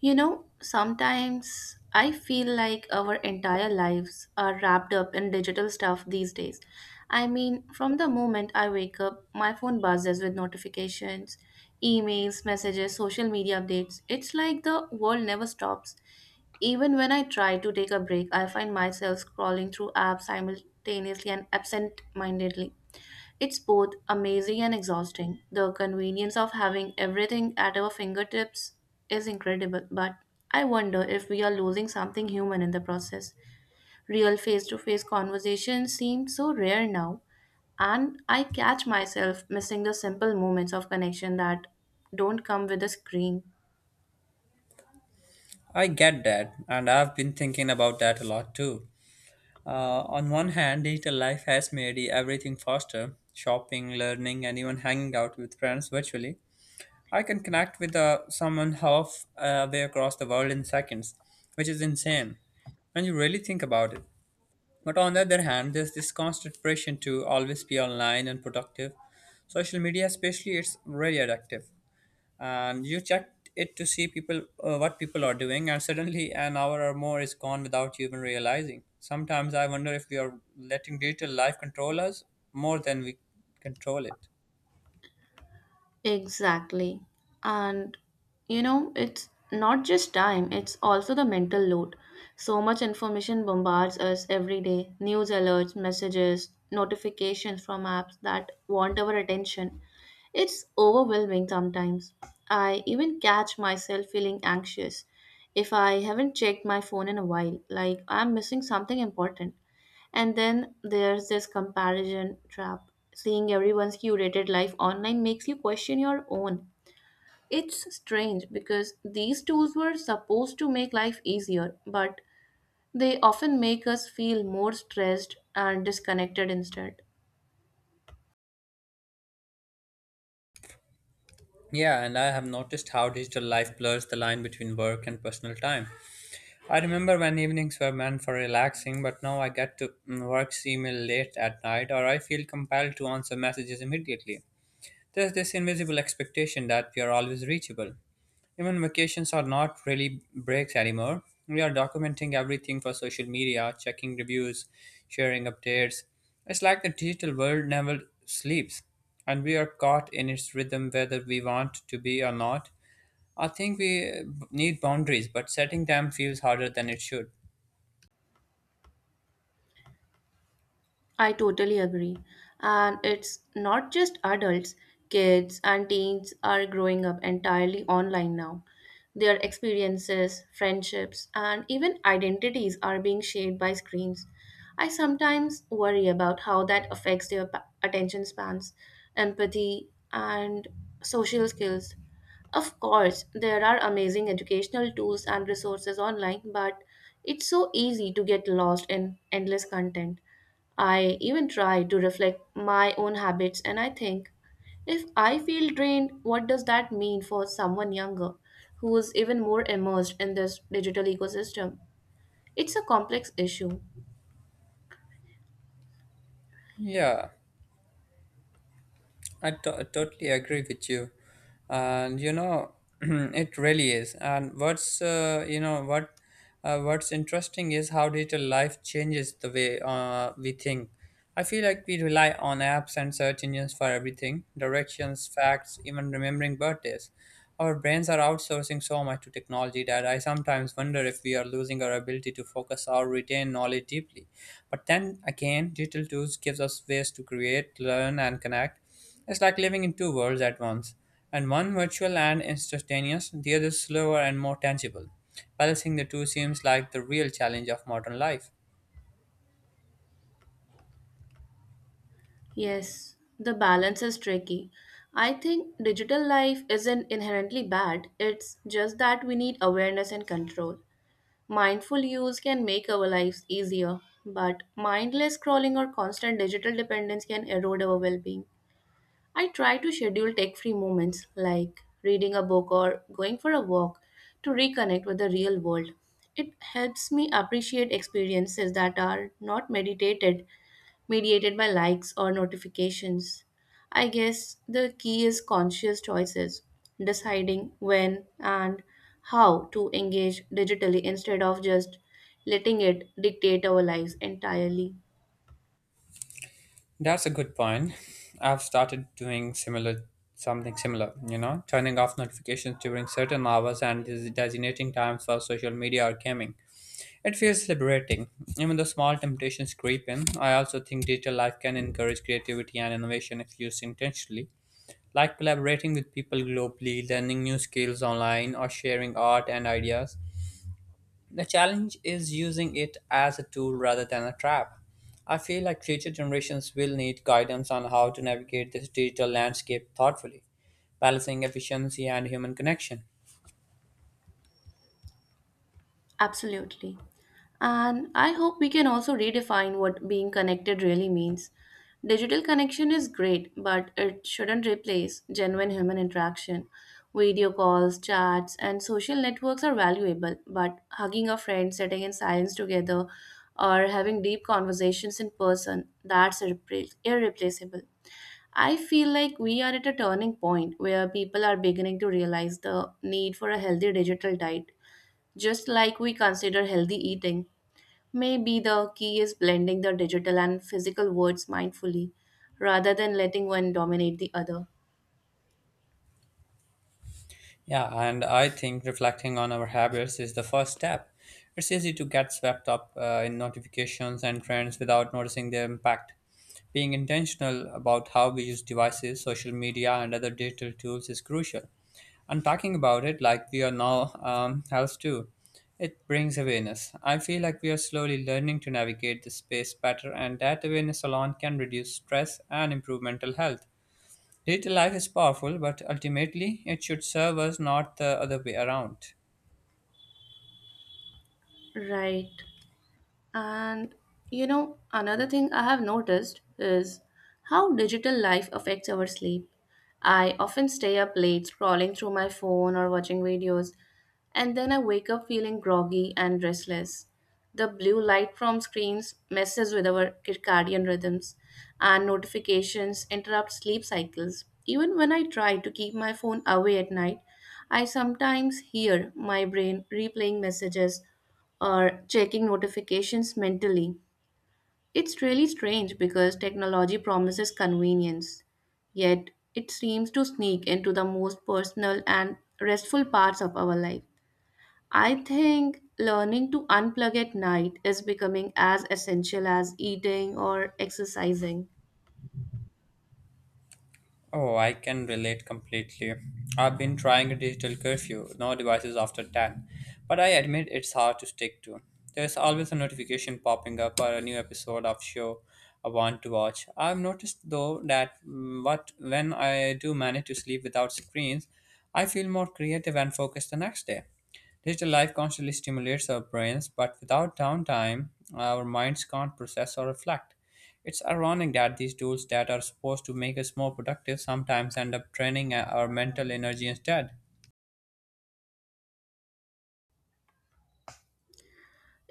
You know, sometimes I feel like our entire lives are wrapped up in digital stuff these days. I mean, from the moment I wake up, my phone buzzes with notifications, emails, messages, social media updates. It's like the world never stops. Even when I try to take a break, I find myself scrolling through apps simultaneously and absent mindedly. It's both amazing and exhausting. The convenience of having everything at our fingertips is incredible, but I wonder if we are losing something human in the process. Real face to face conversations seem so rare now, and I catch myself missing the simple moments of connection that don't come with a screen. I get that, and I've been thinking about that a lot too. On one hand, digital life has made everything faster shopping, learning, and even hanging out with friends virtually. I can connect with someone half way across the world in seconds, which is insane when you really think about it. But on the other hand, there's this constant pressure to always be online and productive. Social media, especially, it's really addictive and you checked it to see people what people are doing, and suddenly an hour or more is gone without you even realizing. Sometimes I wonder if we are letting digital life control us more than we control it. Exactly. And it's not just time, it's also the mental load. So much information bombards us every day news alerts, messages, notifications from apps that want our attention. It's overwhelming sometimes. I even catch myself feeling anxious if I haven't checked my phone in a while, like I'm missing something important. And then there's this comparison trap. Seeing everyone's curated life online makes you question your own. It's strange because these tools were supposed to make life easier, but they often make us feel more stressed and disconnected instead. Yeah, and I have noticed how digital life blurs the line between work and personal time. I remember when evenings were meant for relaxing, but now I get to work's email late at night, or I feel compelled to answer messages immediately. There's this invisible expectation that we are always reachable. Even vacations are not really breaks anymore. We are documenting everything for social media, checking reviews, sharing updates. It's like the digital world never sleeps, and we are caught in its rhythm whether we want to be or not. I think we need boundaries, but setting them feels harder than it should. I totally agree. And it's not just adults, kids and teens are growing up entirely online now. Their experiences, friendships, and even identities are being shaped by screens. I sometimes worry about how that affects their attention spans, empathy, and social skills. Of course, there are amazing educational tools and resources online, but it's so easy to get lost in endless content. I even try to reflect my own habits and I think if I feel drained, what does that mean for someone younger who is even more immersed in this digital ecosystem? It's a complex issue. Yeah. Totally agree with you, and you know, it really is. And what's you know what what's interesting is how digital life changes the way we think. I feel like we rely on apps and search engines for everything, directions, facts, even remembering birthdays. Our brains are outsourcing so much to technology that I sometimes wonder if we are losing our ability to focus or retain knowledge deeply. But then again, digital tools gives us ways to create, learn, and connect. It's like living in two worlds at once, and one virtual and instantaneous, the other slower and more tangible. Balancing the two seems like the real challenge of modern life. Yes, the balance is tricky. I think digital life isn't inherently bad, it's just that we need awareness and control. Mindful use can make our lives easier, but mindless scrolling or constant digital dependence can erode our well being. I try to schedule tech free moments like reading a book or going for a walk to reconnect with the real world. It helps me appreciate experiences that are not meditated, mediated by likes or notifications. I guess the key is conscious choices, deciding when and how to engage digitally instead of just letting it dictate our lives entirely. That's a good point. I've started doing similar something similar, you know, turning off notifications during certain hours and designating times for social media or gaming. It feels liberating. Even though small temptations creep in, I also think digital life can encourage creativity and innovation if used intentionally. Like collaborating with people globally, learning new skills online, or sharing art and ideas. The challenge is using it as a tool rather than a trap. I feel like future generations will need guidance on how to navigate this digital landscape thoughtfully, balancing efficiency and human connection. Absolutely. And I hope we can also redefine what being connected really means. Digital connection is great, but it shouldn't replace genuine human interaction. Video calls, chats, and social networks are valuable, but hugging a friend, sitting in silence together, or having deep conversations in person, that's irreplaceable. I feel like we are at a turning point where people are beginning to realize the need for a healthy digital diet just like we consider healthy eating, maybe the key is blending the digital and physical worlds mindfully rather than letting one dominate the other. Yeah, and I think reflecting on our habits is the first step. It's easy to get swept up in notifications and trends without noticing their impact. Being intentional about how we use devices, social media, and other digital tools is crucial. And talking about it like we are now helps too. It brings awareness. I feel like we are slowly learning to navigate this space better, and that awareness alone can reduce stress and improve mental health. Digital life is powerful, but ultimately it should serve us, not the other way around. Right. And another thing I have noticed is how digital life affects our sleep. I often stay up late scrolling through my phone or watching videos, and then I wake up feeling groggy and restless. The blue light from screens messes with our circadian rhythms, and notifications interrupt sleep cycles. Even when I try to keep my phone away at night, I sometimes hear my brain replaying messages or checking notifications mentally. It's really strange because technology promises convenience, yet it seems to sneak into the most personal and restful parts of our life. I think learning to unplug at night is becoming as essential as eating or exercising. Oh, I can relate completely. I've been trying a digital curfew, no devices after 10, but I admit it's hard to stick to. There's always a notification popping up or a new episode of show I want to watch. I've noticed though that mm, what when I do manage to sleep without screens, I feel more creative and focused the next day. Digital life constantly stimulates our brains, but without downtime, our minds can't process or reflect. It's ironic that these tools that are supposed to make us more productive sometimes end up draining our mental energy instead.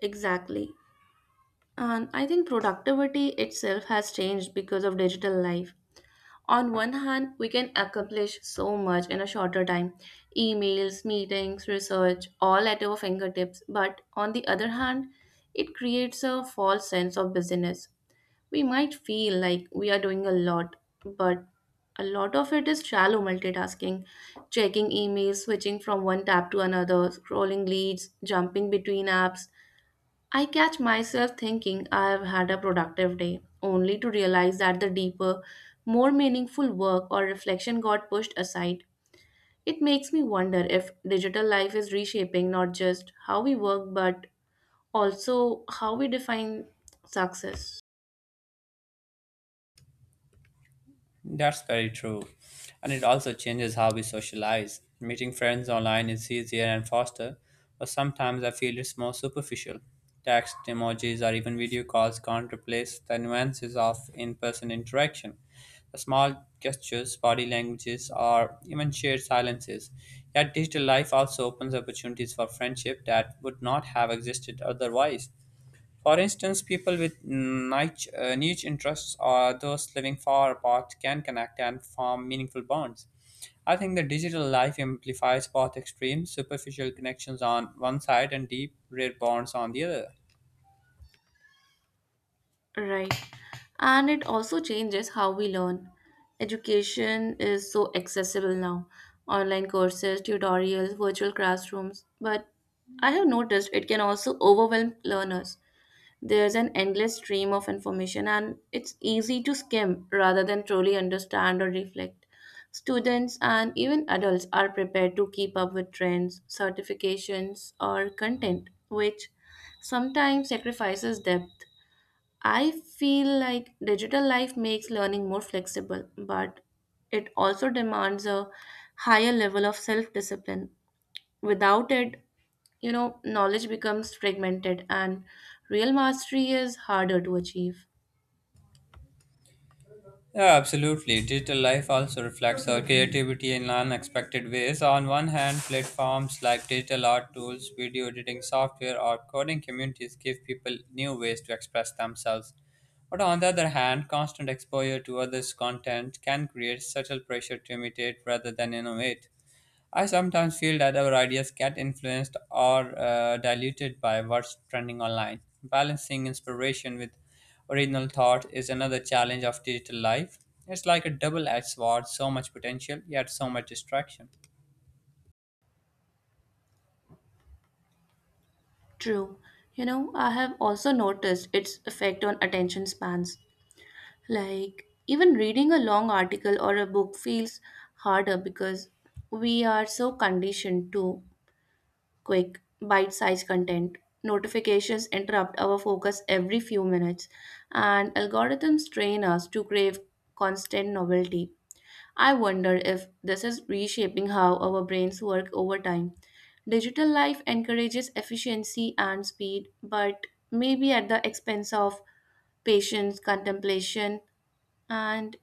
Exactly. And I think productivity itself has changed because of digital life. On one hand, we can accomplish so much in a shorter time emails, meetings, research, all at our fingertips. But on the other hand, it creates a false sense of busyness. We might feel like we are doing a lot, but a lot of it is shallow multitasking, checking emails, switching from one tab to another, scrolling leads, jumping between apps, I catch myself thinking I've had a productive day, only to realize that the deeper, more meaningful work or reflection got pushed aside. It makes me wonder if digital life is reshaping not just how we work but also how we define success. That's very true. And it also changes how we socialize. Meeting friends online is easier and faster, but sometimes I feel it's more superficial. Text, emojis, or even video calls can't replace the nuances of in person interaction. The small gestures, body languages, or even shared silences. Yet digital life also opens opportunities for friendship that would not have existed otherwise. For instance, people with niche interests or those living far apart can connect and form meaningful bonds. I think the digital life amplifies both extremes, superficial connections on one side and deep, rare bonds on the other. Right. And it also changes how we learn. Education is so accessible now online courses, tutorials, virtual classrooms. But I have noticed it can also overwhelm learners. There's an endless stream of information, and it's easy to skim rather than truly understand or reflect. Students and even adults are prepared to keep up with trends, certifications, or content, which sometimes sacrifices depth. I feel like digital life makes learning more flexible, but it also demands a higher level of self discipline. Without it, you know, knowledge becomes fragmented and real mastery is harder to achieve. Yeah, absolutely. Digital life also reflects our creativity in unexpected ways. On one hand, platforms like digital art tools, video editing software, or coding communities give people new ways to express themselves. But on the other hand, constant exposure to others' content can create subtle pressure to imitate rather than innovate. I sometimes feel that our ideas get influenced or diluted by what's trending online. Balancing inspiration with original thought is another challenge of digital life. It's like a double edged sword, so much potential, yet so much distraction. True. You know, I have also noticed its effect on attention spans. Like, even reading a long article or a book feels harder because we are so conditioned to quick, bite sized content. Notifications interrupt our focus every few minutes, and algorithms train us to crave constant novelty. I wonder if this is reshaping how our brains work over time. Digital life encourages efficiency and speed, but maybe at the expense of patience, contemplation, and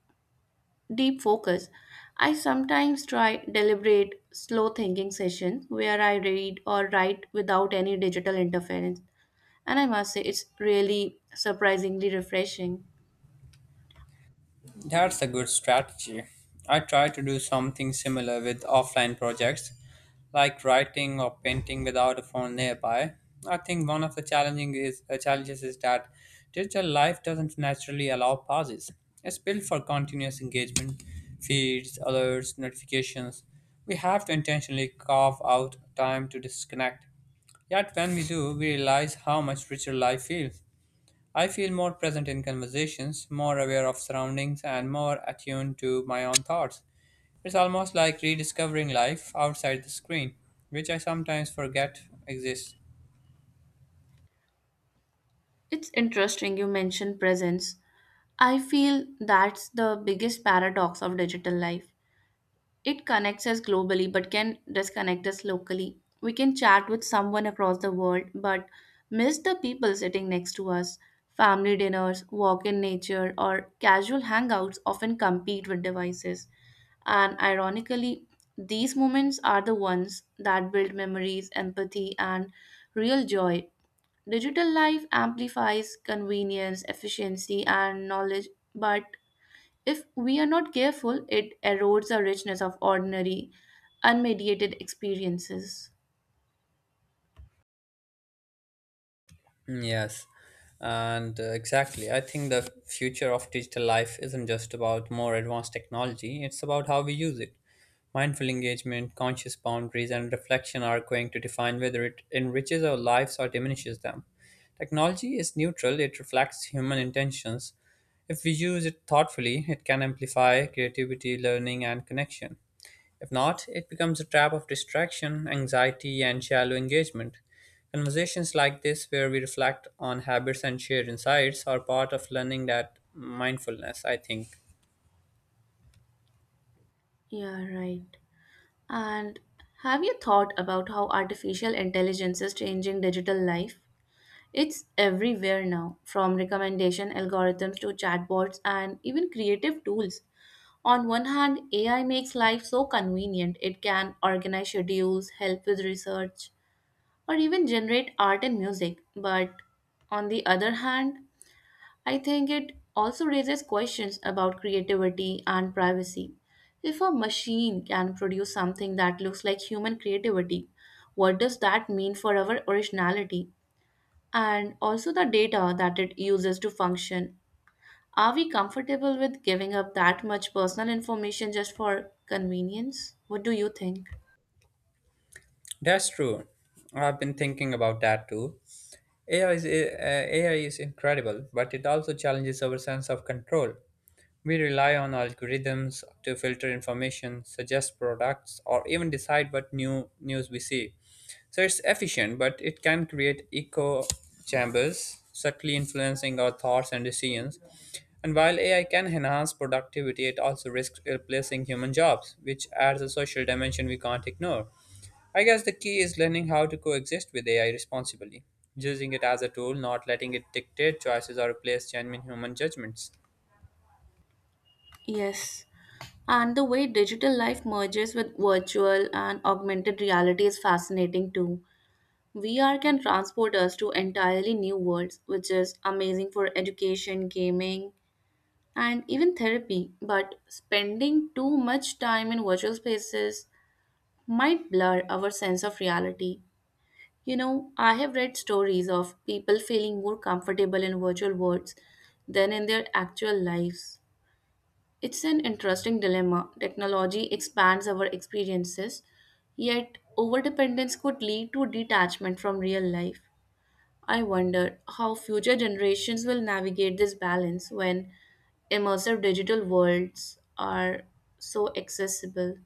deep focus. I sometimes try deliberate, slow thinking sessions where I read or write without any digital interference, and I must say it's really surprisingly refreshing. That's a good strategy. I try to do something similar with offline projects, like writing or painting without a phone nearby. I think one of challenges is that digital life doesn't naturally allow pauses. It's built for continuous engagement, feeds, alerts, notifications. We have to intentionally carve out time to disconnect. Yet when we do, we realize how much richer life feels. I feel more present in conversations, more aware of surroundings, and more attuned to my own thoughts. It's almost like rediscovering life outside the screen, which I sometimes forget exists. It's interesting you mention presence. I feel that's the biggest paradox of digital life. It connects us globally but can disconnect us locally. We can chat with someone across the world but miss the people sitting next to us. Family dinners, walk in nature, or casual hangouts often compete with devices. And ironically, these moments are the ones that build memories, empathy, and real joy. Digital life amplifies convenience, efficiency, and knowledge, but if we are not careful, it erodes the richness of ordinary, unmediated experiences. Yes, and exactly. I think the future of digital life isn't just about more advanced technology, it's about how we use it. Mindful engagement, conscious boundaries, and reflection are going to define whether it enriches our lives or diminishes them. Technology is neutral, it reflects human intentions. If we use it thoughtfully, it can amplify creativity, learning, and connection. If not, it becomes a trap of distraction, anxiety, and shallow engagement. Conversations like this, where we reflect on habits and share insights, are part of learning that mindfulness, I think. Yeah, right. And have you thought about how artificial intelligence is changing digital life? It's everywhere now, from recommendation algorithms to chatbots and even creative tools. On one hand, AI makes life so convenient, it can organize schedules, help with research, or even generate art and music. But on the other hand, I think it also raises questions about creativity and privacy. If a machine can produce something that looks like human creativity, what does that mean for our originality? And also the data that it uses to function. Are we comfortable with giving up that much personal information just for convenience? What do you think? That's true. I've been thinking about that too. AI is incredible, but it also challenges our sense of control. We rely on algorithms to filter information, suggest products, or even decide what new news we see. So it's efficient, but it can create echo chambers, subtly influencing our thoughts and decisions. And while AI can enhance productivity, it also risks replacing human jobs, which adds a social dimension we can't ignore. I guess the key is learning how to coexist with AI responsibly, using it as a tool, not letting it dictate choices or replace genuine human judgments. Yes. And the way digital life merges with virtual and augmented reality is fascinating too. VR can transport us to entirely new worlds, which is amazing for education, gaming, and even therapy. But spending too much time in virtual spaces might blur our sense of reality. You know, I have read stories of people feeling more comfortable in virtual worlds than in their actual lives. It's an interesting dilemma. Technology expands our experiences, yet overdependence could lead to detachment from real life. I wonder how future generations will navigate this balance when immersive digital worlds are so accessible.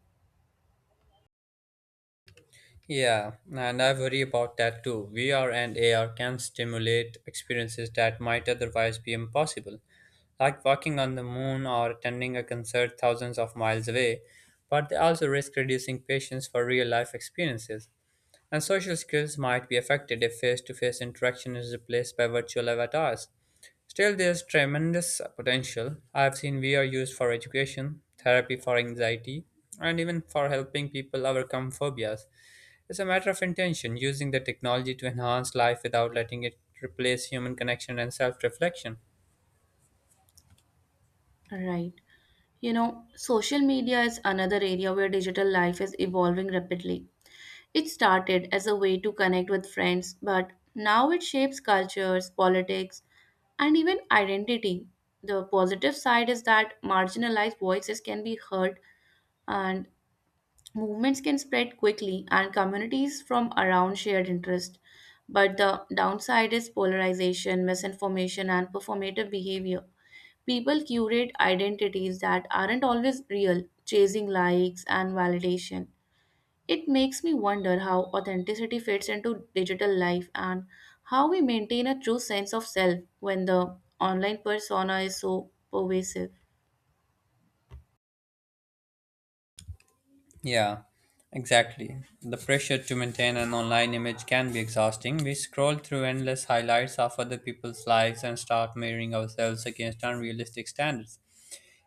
Yeah, and I worry about that too. VR and AR can stimulate experiences that might otherwise be impossible, like walking on the moon or attending a concert thousands of miles away, but they also risk reducing patience for real life experiences. And social skills might be affected if face to face interaction is replaced by virtual avatars. Still, there's tremendous potential. I've seen VR used for education, therapy for anxiety, and even for helping people overcome phobias. It's a matter of intention, using the technology to enhance life without letting it replace human connection and self reflection. Right. You know, social media is another area where digital life is evolving rapidly. It started as a way to connect with friends, but now it shapes cultures, politics, and even identity. The positive side is that marginalized voices can be heard and movements can spread quickly and communities from around shared interest. But the downside is polarization, misinformation, and performative behavior. People curate identities that aren't always real, chasing likes and validation. It makes me wonder how authenticity fits into digital life and how we maintain a true sense of self when the online persona is so pervasive. Yeah, exactly. The pressure to maintain an online image can be exhausting. We scroll through endless highlights of other people's lives and start measuring ourselves against unrealistic standards.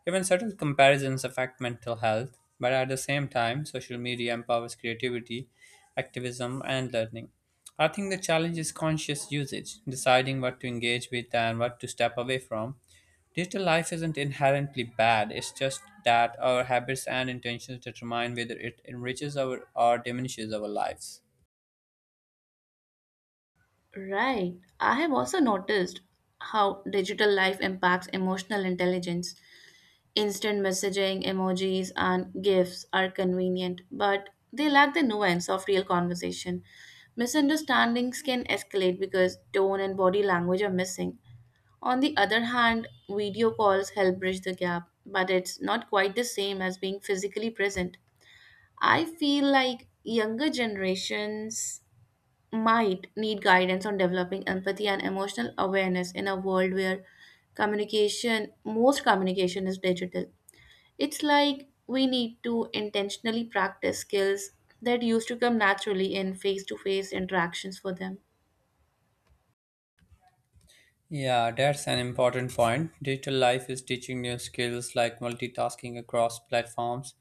Even subtle comparisons affect mental health, but at the same time, social media empowers creativity, activism, and learning. I think the challenge is conscious usage, deciding what to engage with and what to step away from. Digital life isn't inherently bad, it's just that our habits and intentions determine whether it enriches our or diminishes our lives. Right. I have also noticed how digital life impacts emotional intelligence. Instant messaging, emojis, and GIFs are convenient, but they lack the nuance of real conversation. Misunderstandings can escalate because tone and body language are missing. On the other hand, video calls help bridge the gap, but it's not quite the same as being physically present. I feel like younger generations might need guidance on developing empathy and emotional awareness in a world where communication, most communication is digital. It's like we need to intentionally practice skills that used to come naturally in face to face interactions for them. Yeah, that's an important point. Digital life is teaching new skills like multitasking across platforms,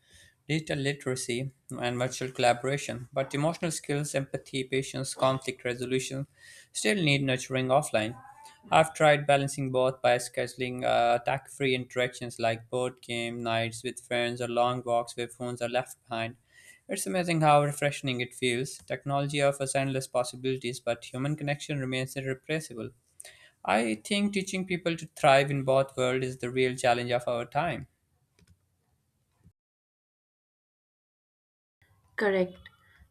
digital literacy, and virtual collaboration. But emotional skills, empathy, patience, conflict resolution still need nurturing offline. I've tried balancing both by scheduling attack free interactions like board game nights with friends or long walks where phones are left behind. It's amazing how refreshing it feels. Technology offers endless possibilities, but human connection remains irreplaceable. I think teaching people to thrive in both worlds is the real challenge of our time. Correct.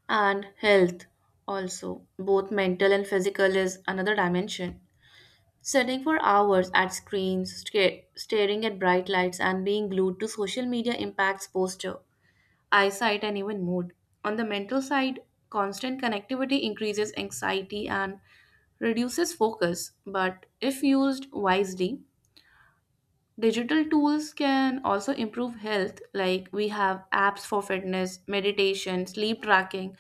And health also, both mental and physical, is another dimension. Sitting for hours at screens, staring at bright lights, and being glued to social media impacts posture, eyesight, and even mood. On the mental side, constant connectivity increases anxiety and reduces focus, but if used wisely, digital tools can also improve health, like we have apps for fitness, meditation, sleep tracking,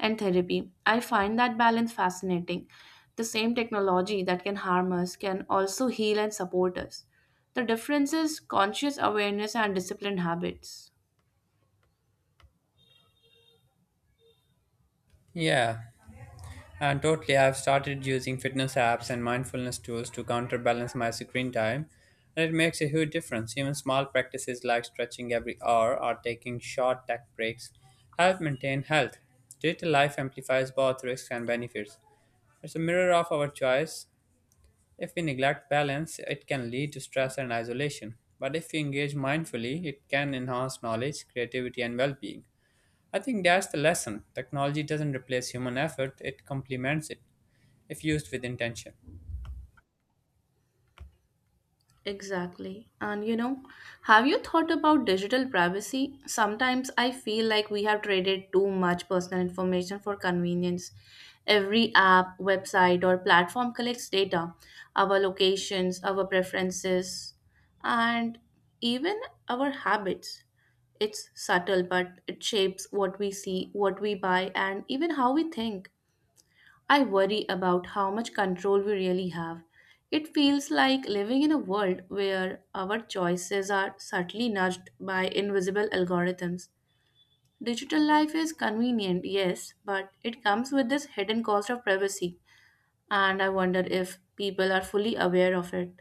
and therapy. I find that balance fascinating. The same technology that can harm us can also heal and support us. The difference is conscious awareness and disciplined habits. Yeah, and totally. I've started using fitness apps and mindfulness tools to counterbalance my screen time, and it makes a huge difference. Even small practices like stretching every hour or taking short tech breaks help maintain health. Digital life amplifies both risks and benefits. It's a mirror of our choice. If we neglect balance, it can lead to stress and isolation. But if we engage mindfully, it can enhance knowledge, creativity, and well being. I think that's the lesson. Technology doesn't replace human effort, it complements it if used with intention. Exactly. And you know, have you thought about digital privacy? Sometimes I feel like we have traded too much personal information for convenience. Every app, website, or platform collects data, our locations, our preferences, and even our habits. It's subtle, but it shapes what we see, what we buy, and even how we think. I worry about how much control we really have. It feels like living in a world where our choices are subtly nudged by invisible algorithms. Digital life is convenient, yes, but it comes with this hidden cost of privacy, and I wonder if people are fully aware of it.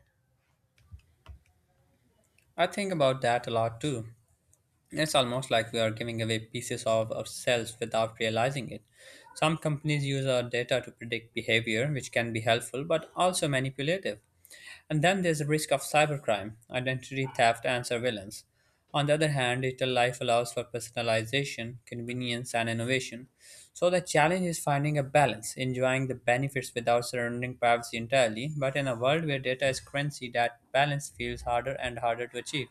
I think about that a lot too. It's almost like we are giving away pieces of ourselves without realizing it. Some companies use our data to predict behavior, which can be helpful but also manipulative. And then there's the risk of cybercrime, identity theft, and surveillance. On the other hand, digital life allows for personalization, convenience, and innovation. So the challenge is finding a balance, enjoying the benefits without surrendering privacy entirely. But in a world where data is currency, that balance feels harder and harder to achieve.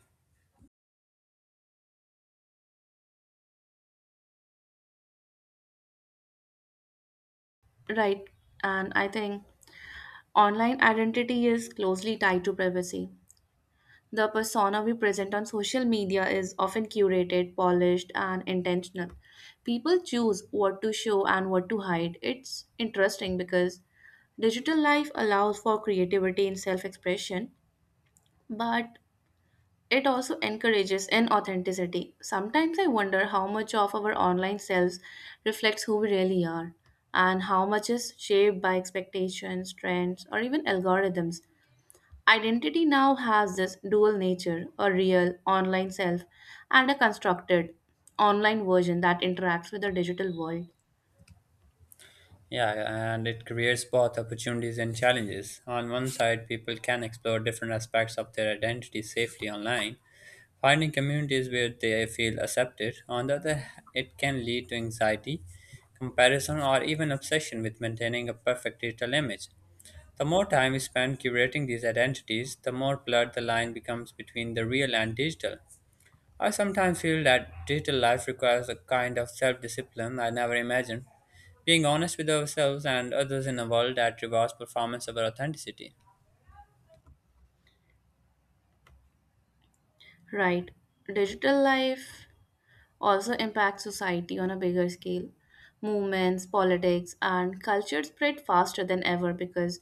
Right, and I think online identity is closely tied to privacy. The persona we present on social media is often curated, polished, and intentional. People choose what to show and what to hide. It's interesting because digital life allows for creativity and self expression, but it also encourages inauthenticity. Sometimes I wonder how much of our online selves reflects who we really are, and how much is shaped by expectations, trends, or even algorithms. Identity now has this dual nature, a real online self and a constructed online version that interacts with the digital world. Yeah, and it creates both opportunities and challenges. On one side, people can explore different aspects of their identity safely online, finding communities where they feel accepted. On the other hand, it can lead to anxiety, comparison, or even obsession with maintaining a perfect digital image. The more time we spend curating these identities, the more blurred the line becomes between the real and digital. I sometimes feel that digital life requires a kind of self discipline I never imagined, being honest with ourselves and others in a world that rewards performance over authenticity. Right. Digital life also impact society on a bigger scale. Movements, politics, and culture spread faster than ever because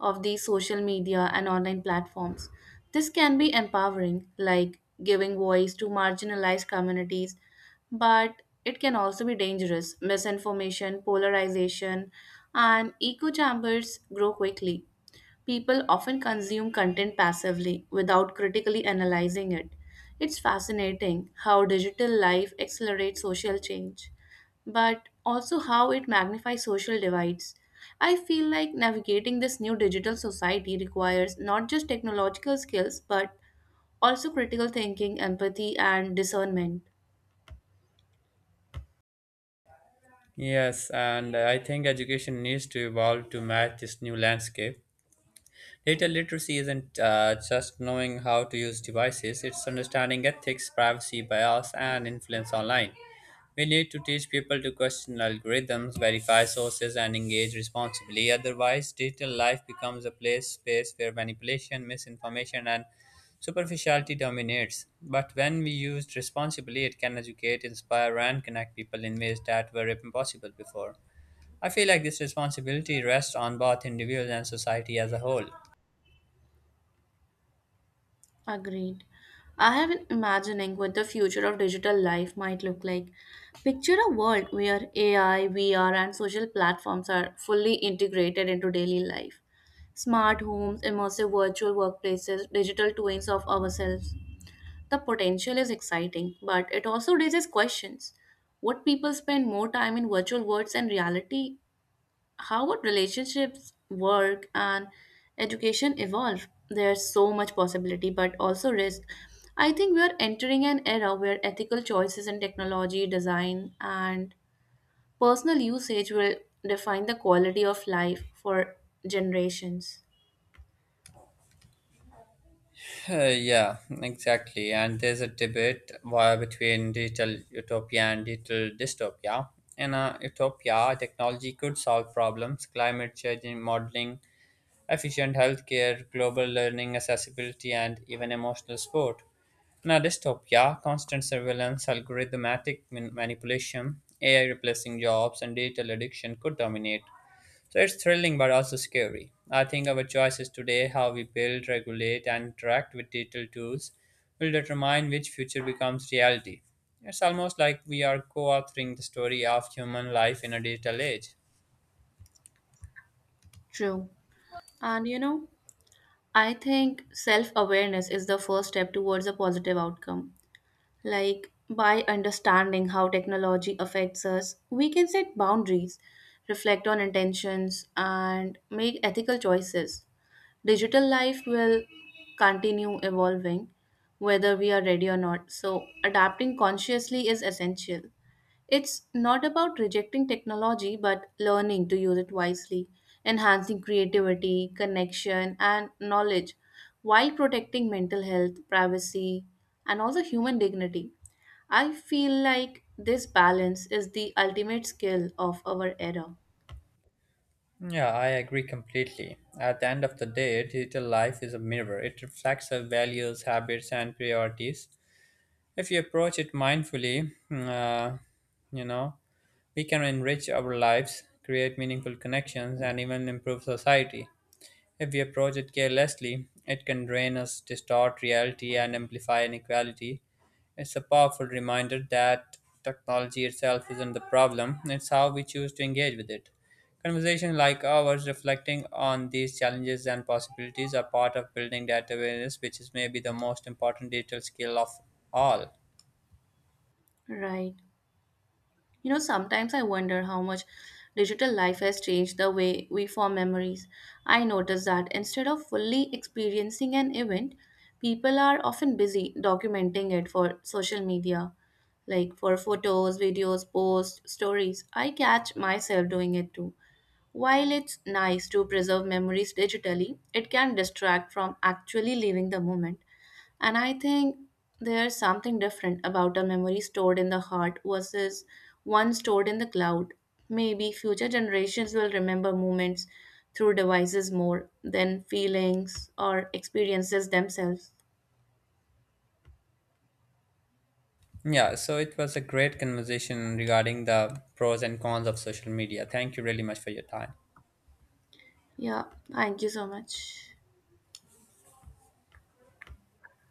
of these social media and online platforms. This can be empowering, like giving voice to marginalized communities, but it can also be dangerous. Misinformation, polarization, and echo chambers grow quickly. People often consume content passively without critically analyzing it. It's fascinating how digital life accelerates social change, but also how it magnifies social divides. I feel like navigating this new digital society requires not just technological skills but also critical thinking, empathy, and discernment. Yes, and I think education needs to evolve to match this new landscape. Data literacy isn't just knowing how to use devices, it's understanding ethics, privacy, bias, and influence online. We need to teach people to question algorithms, verify sources, and engage responsibly. Otherwise, digital life becomes a place space where manipulation, misinformation, and superficiality dominates. But when we used responsibly, it can educate, inspire, and connect people in ways that were impossible before. I feel like this responsibility rests on both individuals and society as a whole. Agreed. I have been imagining what the future of digital life might look like. Picture a world where AI, VR, and social platforms are fully integrated into daily life. Smart homes, immersive virtual workplaces, digital twins of ourselves. The potential is exciting, but it also raises questions. Would people spend more time in virtual worlds and reality? How would relationships work and education evolve? There's so much possibility but also risk. I think we are entering an era where ethical choices in technology design and personal usage will define the quality of life for generations. Yeah, exactly. And there's a debate why between digital utopia and digital dystopia. In a utopia, technology could solve problems, climate change modeling, efficient healthcare, global learning, accessibility, and even emotional support. In a dystopia, constant surveillance, manipulation, AI replacing jobs, and digital addiction could dominate. So it's thrilling but also scary. I think our choices today, how we build, regulate, and interact with digital tools, will determine which future becomes reality. It's almost like we are co authoring the story of human life in a digital age. True. And you know, I think self awareness is the first step towards a positive outcome. Like, by understanding how technology affects us, we can set boundaries, reflect on intentions, and make ethical choices. Digital life will continue evolving whether we are ready or not, so, adapting consciously is essential. It's not about rejecting technology, but learning to use it wisely, enhancing creativity, connection, and knowledge while protecting mental health, privacy, and also human dignity. I feel like this balance is the ultimate skill of our era. Yeah, I agree completely. At the end of the day, digital life is a mirror. It reflects our values, habits, and priorities. If we approach it mindfully, you know, we can enrich our lives, create meaningful connections, and even improve society. If we approach it carelessly, it can drain us, distort reality, and amplify inequality. It's a powerful reminder that technology itself isn't the problem, it's how we choose to engage with it. Conversations like ours reflecting on these challenges and possibilities are part of building that awareness, which is maybe the most important digital skill of all. Right. You know, sometimes I wonder how much digital life has changed the way we form memories. I notice that instead of fully experiencing an event, people are often busy documenting it for social media, like for photos, videos, posts, stories. I catch myself doing it too. While it's nice to preserve memories digitally, it can distract from actually living the moment. And I think there's something different about a memory stored in the heart versus one stored in the cloud. Maybe future generations will remember moments through devices more than feelings or experiences themselves. Yeah, so it was a great conversation regarding the pros and cons of social media. Thank you really much for your time. Yeah, thank you so much.